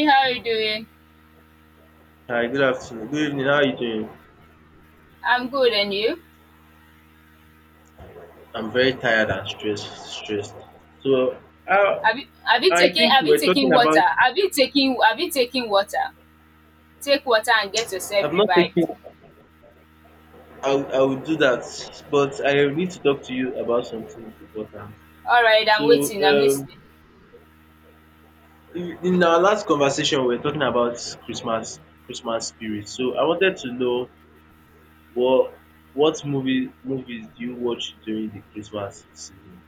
Hey, how are you doing? Hi, good afternoon. Good evening. How are you doing? I'm good, and you? I'm very tired and stressed. Stressed. So, I, Have you have you I taken think we have you were talking taken about. water? Have you taken water? Take water and get yourself I've not revived. taken. I will do that, but I need to talk to you about something important. All right, So, I'm waiting. I'm um, listening. in our last conversation, we were talking about Christmas spirit. So, I wanted to know what what movies do you watch during the Christmas season?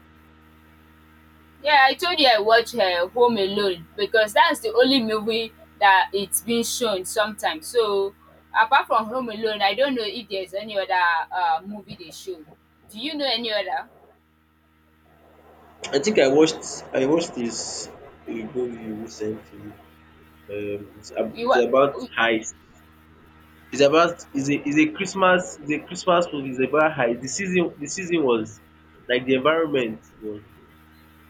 Yeah, I told you I watch Home Alone because that's the only movie that it's been shown sometimes. So apart from Home Alone, I don't know if there's any other movie they show. Do you know any other? I think I watched this Igbo movie recently. Um, it's ab You it's what? about heist. It's about it's a Christmas movie. It's about heist. The season was, like, the environment was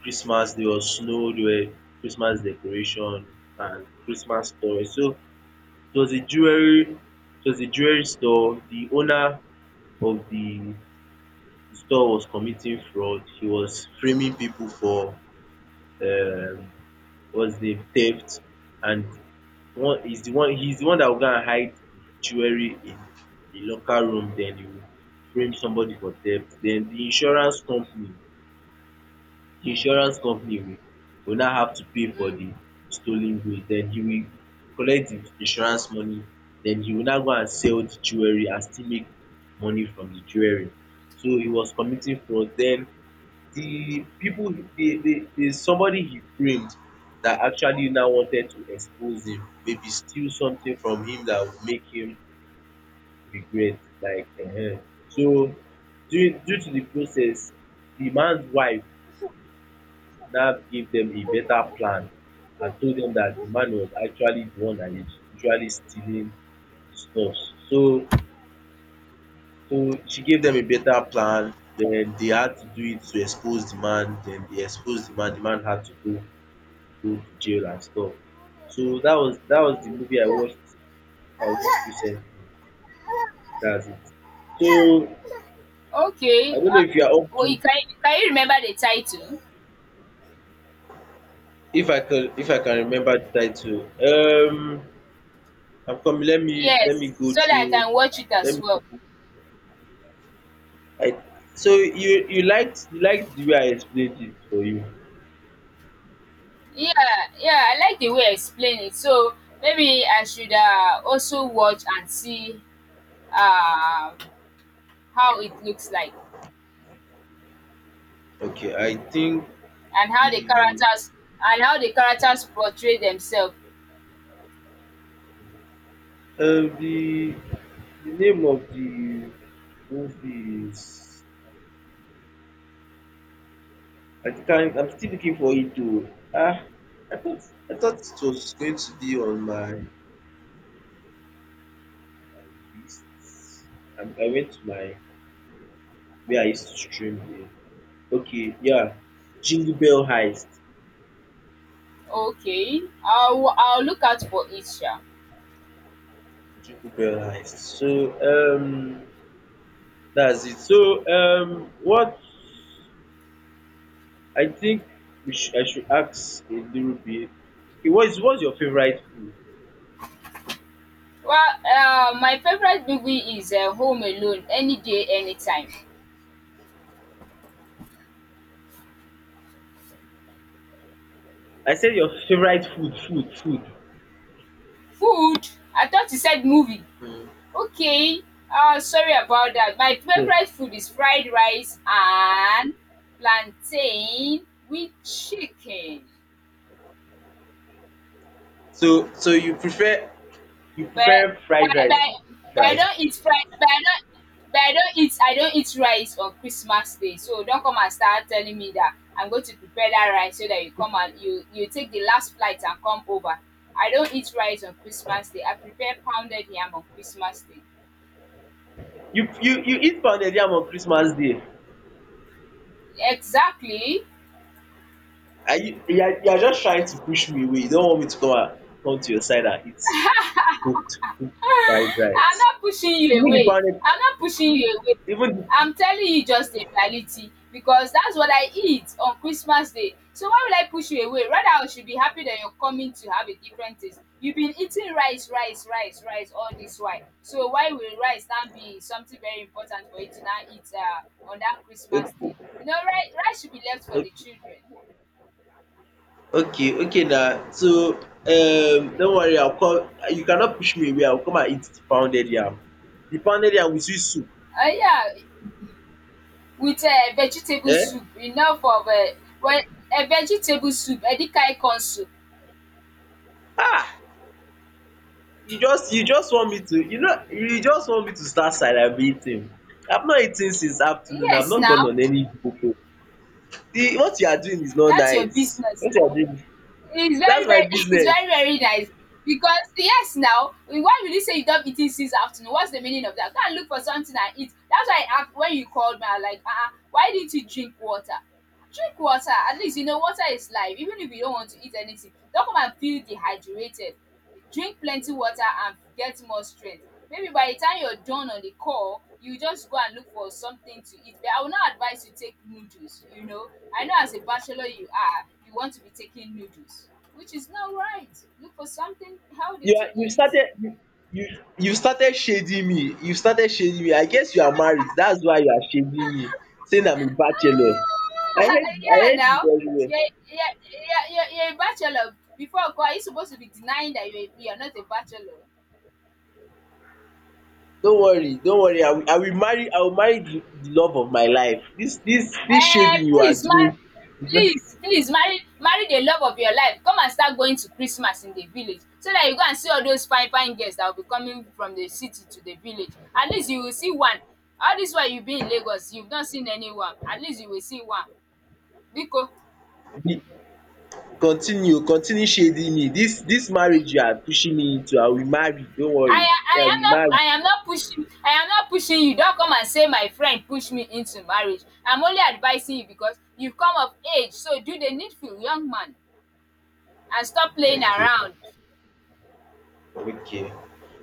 Christmas. There was snow. There were Christmas decoration and Christmas toys. So it was a jewelry it was a jewelry store. The owner of the store was committing fraud. He was framing people for, um was the theft, and one is the one he's the one that will go and hide the jewelry in a locker room. Then he will frame somebody for theft. Then the insurance company will now have to pay for the Mm. stolen goods. Then he will collect the insurance money. Then he will now go and sell the jewelry and still make money from the jewelry. So he was committing fraud. Then the people the somebody he framed, that actually now wanted to expose him, maybe steal something from him that would make him regret, like, so due to the process, the man's wife now gave them a better plan and told them that the man was actually the one that is usually stealing the stuff. So so she gave them a better plan, then they had to do it to expose the man. Then they exposed The man had to go to jail and stuff. So that was the movie I watched recently. That's it. So I Okay, don't know if you are up well, to, you can you remember the title? if I can remember the title. I'm coming. Let me Yes, go so that I through. can watch it let as me go well. through I so you liked the way I explained it for you. Yeah, yeah, I like the way you explain it. So maybe I should also watch and see um, how it looks like Okay, I think and how the the characters and how the characters portray themselves. um the the name of the movie is, I can't. I'm still looking for it to. Ah, I thought I thought it was going to be on my list. I went to my, where I used to stream here. Okay, yeah, Jingle Bell Heist. Okay, I'll look out for it. Sha. Jingle Bell Heist. So um, that's it. So what I think I should ask a little bit. Okay, what is what's your favorite food? Well, my favorite movie is Home Alone. Any day, anytime. I said your favorite food, food, food. Food? I thought you said movie. Mm. Okay. Sorry about that. My Yeah. favorite food is fried rice and plantain with chicken. So so you prefer You But prefer but, fried rice to but, but I fries. don't eat fried. But I don't. But I don't eat. I don't eat rice on Christmas Day. So don't come and start telling me that I'm going to prepare that rice so that you come and you take the last flight and come over. I don't eat rice on Christmas Day. I prepare pounded yam on Christmas Day. You eat pounded yam on Christmas Day, Exactly. and you are just trying to push me away. You don't want me to come to your side and eat cooked fried I'm rice. not pushing you Even the away. pounded I'm not pushing you away. even I'm telling you just the reality because that's what I eat on Christmas Day. So why will I push you away? Rather, I should be happy that you're coming to have a different taste. You've been eating rice, rice, rice, rice all this while. So why will rice now be something very important for you to now eat on that Christmas Day? the You know, rice, rice should be left for okay the children. okay, okay, na, so, don't worry, I will come. You cannot push me away. I will come and eat the pounded yam. The pounded yam with sweet soup. Yeah, with vegetable um soup enough of a well a vegetable soup any kind corn soup. you just want me to, start celebrating. I've not eaten since afternoon. I've Yes not gone now, on any popo. The What you are doing is not that's your nice. business What you now. are doing, It's that's very my very it's business. very very nice because yes now, why will you say you don't eat it since afternoon, what's the meaning of that? Go and look for something and eat. That's why I asked when you called me I was like why didn't you drink water? Drink water, at least you know water is life even if you don't want to eat anything. Don't come and feel dehydrated. Drink plenty water and get more strength. Maybe by the time you're done on the call, you just go and look for something to eat. But I will not advise you take noodles, you know. I know as a bachelor you are, you want to be taking noodles, which is not right. Look for something healthy you to are you eat. started you you started shading me. I guess you are married. That's why you are shading me, saying I'm a bachelor. Ah, i hate i yeah, hate you now. very well. You're, you're a bachelor. Before, call, are you supposed to be denying that you're not a bachelor? Don't worry. I will marry the love of my life. This um shading you are please mar doing is not Please, please marry marry the love of your life, come and start going to Christmas in the village so that you go and see all those fine fine girls that will be coming from the city to the village. At least you will see one. All this while you been in Lagos you've not seen anyone, at least you will see one. Biko. the Continue shading me. This marriage you are pushing me into, I will marry. Don't I worry me. i I am will not marry. I am not pushing I am not pushing you. Don't come and say my friend push me into marriage, I'm only advising you because you've come of age, so do the needful, young man, and stop playing Okay, around. okay.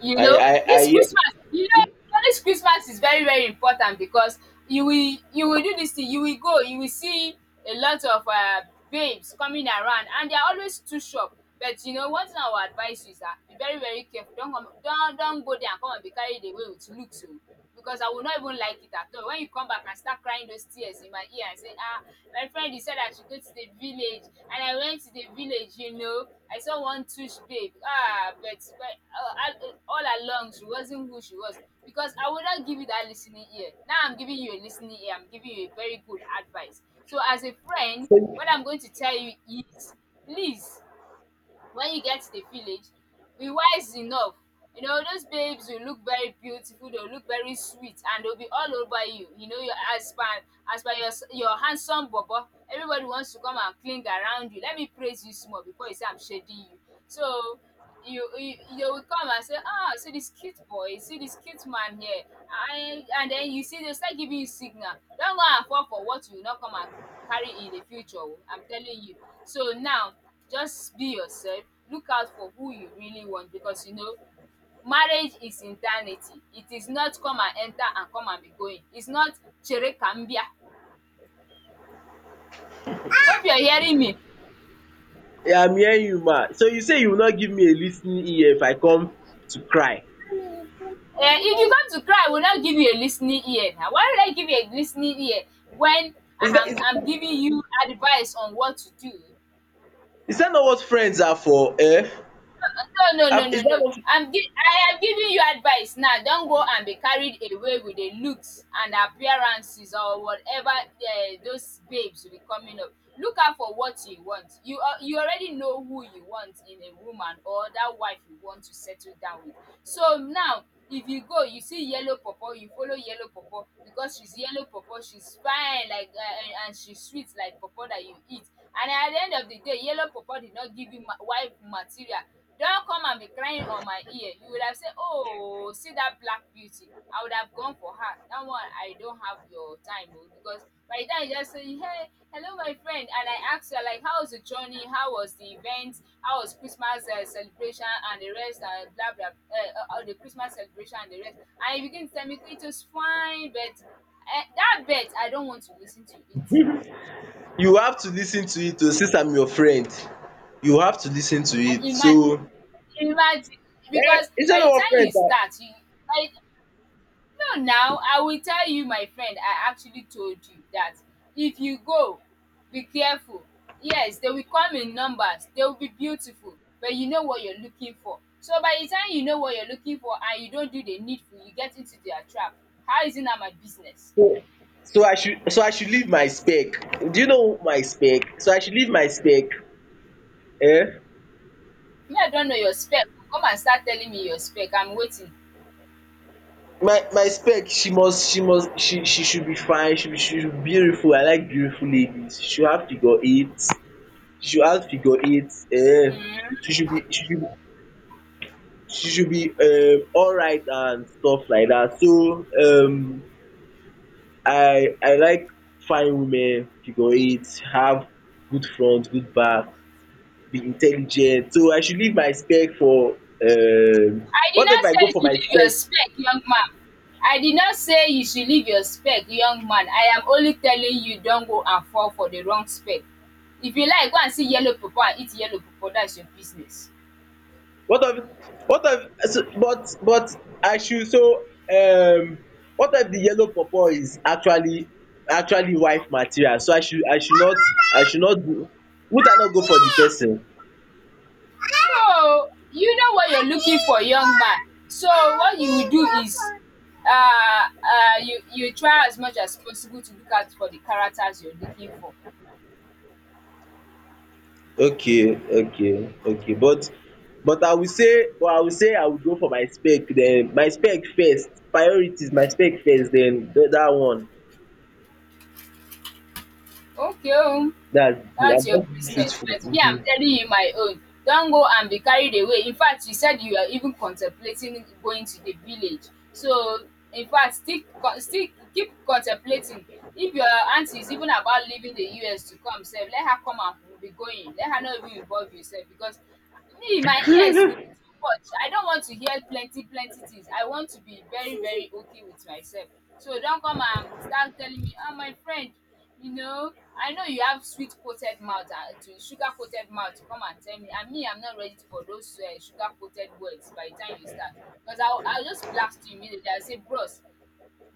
You I know, I I this hear you. Christmas, you know, this Christmas is very, very important because you will do this thing, you will go, you will see a lot of babes coming around and they are always too sharp. But you know, one thing I would advise you is that be very, very careful. Don't come, don't go there and come and be carried away with looks, oh, because I will not even like it at all. When you come back and start crying those tears in my ear and say, ah, my friend, you said I should go to the village. And I went to the village, you know. I saw one tush babe. Ah, but I, all along, she wasn't who she was. Because I would not give you that listening ear. Now I'm giving you a listening ear. I'm giving you a very good advice. So as a friend, what So, I'm going to tell you is, please when you get to the village, be wise enough. You know, those babes will look very beautiful, they'll look very sweet, and they'll be all over you. You know, your as per your handsome bobo, everybody wants to come and cling around you. Let me praise you small before you say I'm shading you. So you they will come and say, "Ah, see this cute boy, see this cute man here," and then you see they start giving you signal. Don't go and fall for what you will not come and carry in the future. Oh, I'm telling you. So now, just be yourself. Look out for who you really want because you know marriage is eternity. It is not come and enter and come and be going. It's not chere ka m bịa. Hope you're hearing me. yeah, I'm hearing you, ma. So you say you will not give me a listening ear if I come to cry? Eh, if you come to cry, I will not give you a listening ear. Now, why would I give you a listening ear when is that is I'm is giving you advice on what to do? is that not what friends are for? Is No, no, that no, no, no. not I am giving you advice now. Don't go and be carried away with the looks and appearances or whatever those babes will be coming up. Look out for what you want. You you already know who you want in a woman or that wife you want to settle down with. So now if you go you see yellow pawpaw you follow yellow pawpaw because she's yellow pawpaw, she's fine like and she's sweet like pawpaw that you eat, and at the end of the day yellow pawpaw did not give you ma wife material. Don come and be crying on my ear, you would have said, oh, see that black beauty I would have gone for her. That one I don't have your time oh, because by the time you just say, hey, hello my friend, and I asked her like how was the journey, how was the event, how was Christmas celebration and the rest and blah blah the Christmas celebration and the rest, and you begin to tell me it was fine but that bet, I don't want to listen to it. You have to listen to it, oh, since I'm your friend. You have to listen to Uh, it. imagine So, imagine, because is that by not the what time you friends are. start you by No now, I will tell you my friend, I actually told you that. If you go, be careful. Yes, they will come in numbers, they will be beautiful, but you know what you're looking for. So by the time you know what you're looking for and you don't do the needful, you get into their trap. How is it now my business? So so I should leave my spec. Do you know my spec? So I should leave my spec. Eh? Me, I don't know your spec, come and start telling me your spec, I'm waiting. My spec. She should be fine. She should be beautiful. I like beautiful ladies. She should have figure eight. She should have figure eight. Eh? She should be she should she should be alright and stuff like that. So I like fine women, figure eight, have good front, good back, be intelligent. So I should leave my spec for um I did what if I not say go you for my should leave your spec? spec, young man. I did not say you should leave your spec, young man. I am only telling you don't go and fall for the wrong spec. If you like, go and see yellow pepper and eat yellow pepper. That's your business. What of what of? So but I should, so, um what if the yellow pawpaw is actually wife material? So I should not do. Would I not go for the person? So, you know what you're looking for, young man. So, what you will do is you, you try as much as possible to look out for the characters you're looking for. Okay, okay, okay, but I will say but I will say I will go for my spec. Then my spec first, priorities, my spec first, then that one. Okay. Oh. That's That's the your I'm just business but truthful. me I'm telling you my own. Don't go and be carried away, in fact you said you are even contemplating going to the village, so in fact stick, con still keep contemplating. If your aunty is even about leaving the US to come sef let her come and we be going, let her not even involve yourself because me my ears will be Mhm. too much, I don't want to hear plenty plenty things, I want to be very very okay with myself. So don't come and start telling me, "Oh, my friend, you know, I know you have sweet coated mouth and to sugar coated mouth to come and tell me," and me I'm not ready for those sugar coated words. By the time you start, because I'll just blast you immediately, I'll say bros,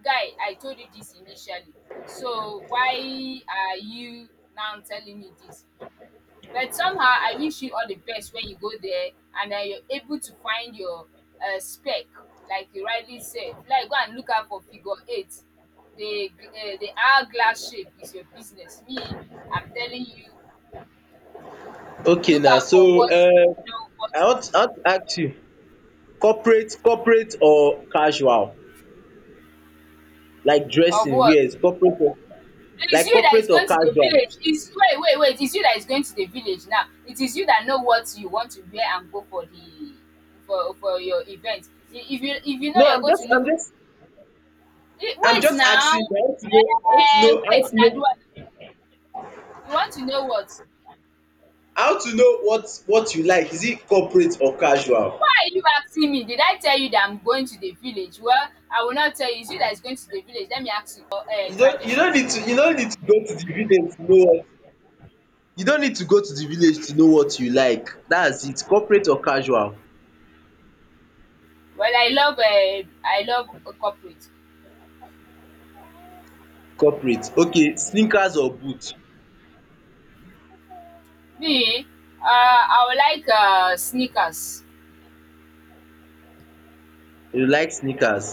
guy, I told you this initially, so why are you now telling me this? But somehow I wish you all the best when you go there and that you're able to find your spec, like you rightly said. Like go and look out for figure eight. The hourglass shape is your business. Me, I'm telling you, Okay look now. out for So what you know what I to want I do want to ask you, corporate or casual? Like of dressing, what. wears, corporate or It is like you that is corporate or going to the casual? village. It's wait. It's you that is going to the village now. It is you that know what you want to wear and go for the for your event. If you know No, you're I'm going just to leave I'm just I'm wait just now. asking you. I want to Eh, know I want wait to now. know You want to know what? What you like. Is it corporate or casual? Why are you asking me? Did I tell you that I'm going to the village? Well, I will not tell you. It's you that is going to the village. Let me ask you for You don't you don't tradition. need to you don't need to go to the village to know what you don't need to go to the village to know what you like. That's it, corporate or casual. Well, I love a corporate. Corporate. Okay, sneakers or boot? Me, I would like sneakers. You like sneakers.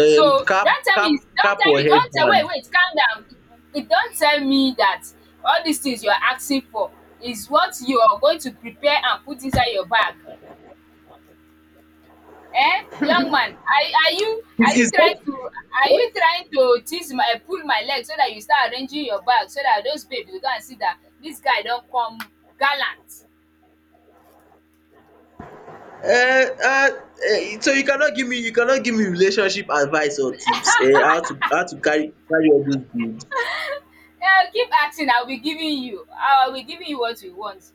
So cap don't tell cap me. Don't cap tell or me. Don't tell. Wait, headband? wait. Calm down. It Don't tell me that all these things you are asking for is what you are going to prepare and put inside your bag. Eh, young man, are is you is trying that to what. Tease my pull my leg so that you start arranging your bag so that those babes will go and see that this guy don come gallant. So you cannot give me relationship advice or tips. How to carry all those bills? Eh, keep asking, I'll be giving you what you want.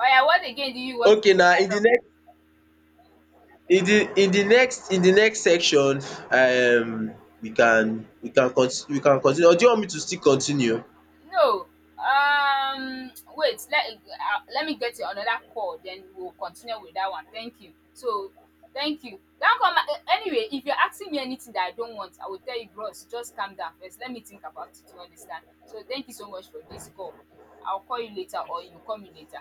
Oya, what again do you want to Okay take now. Along? In the next section, um we can continue, or do you want me to still continue? No. Wait. Let let me get you another call. Then we'll continue with that one. Thank you. So, thank you. Don't come. Anyway, if you're asking me anything that I don't want, I will tell you, bros. Just calm down first. Let me think about it. You understand? So, thank you so much for this call. I'll call you later, or you call me later.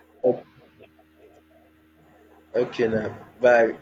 Okay now, bye.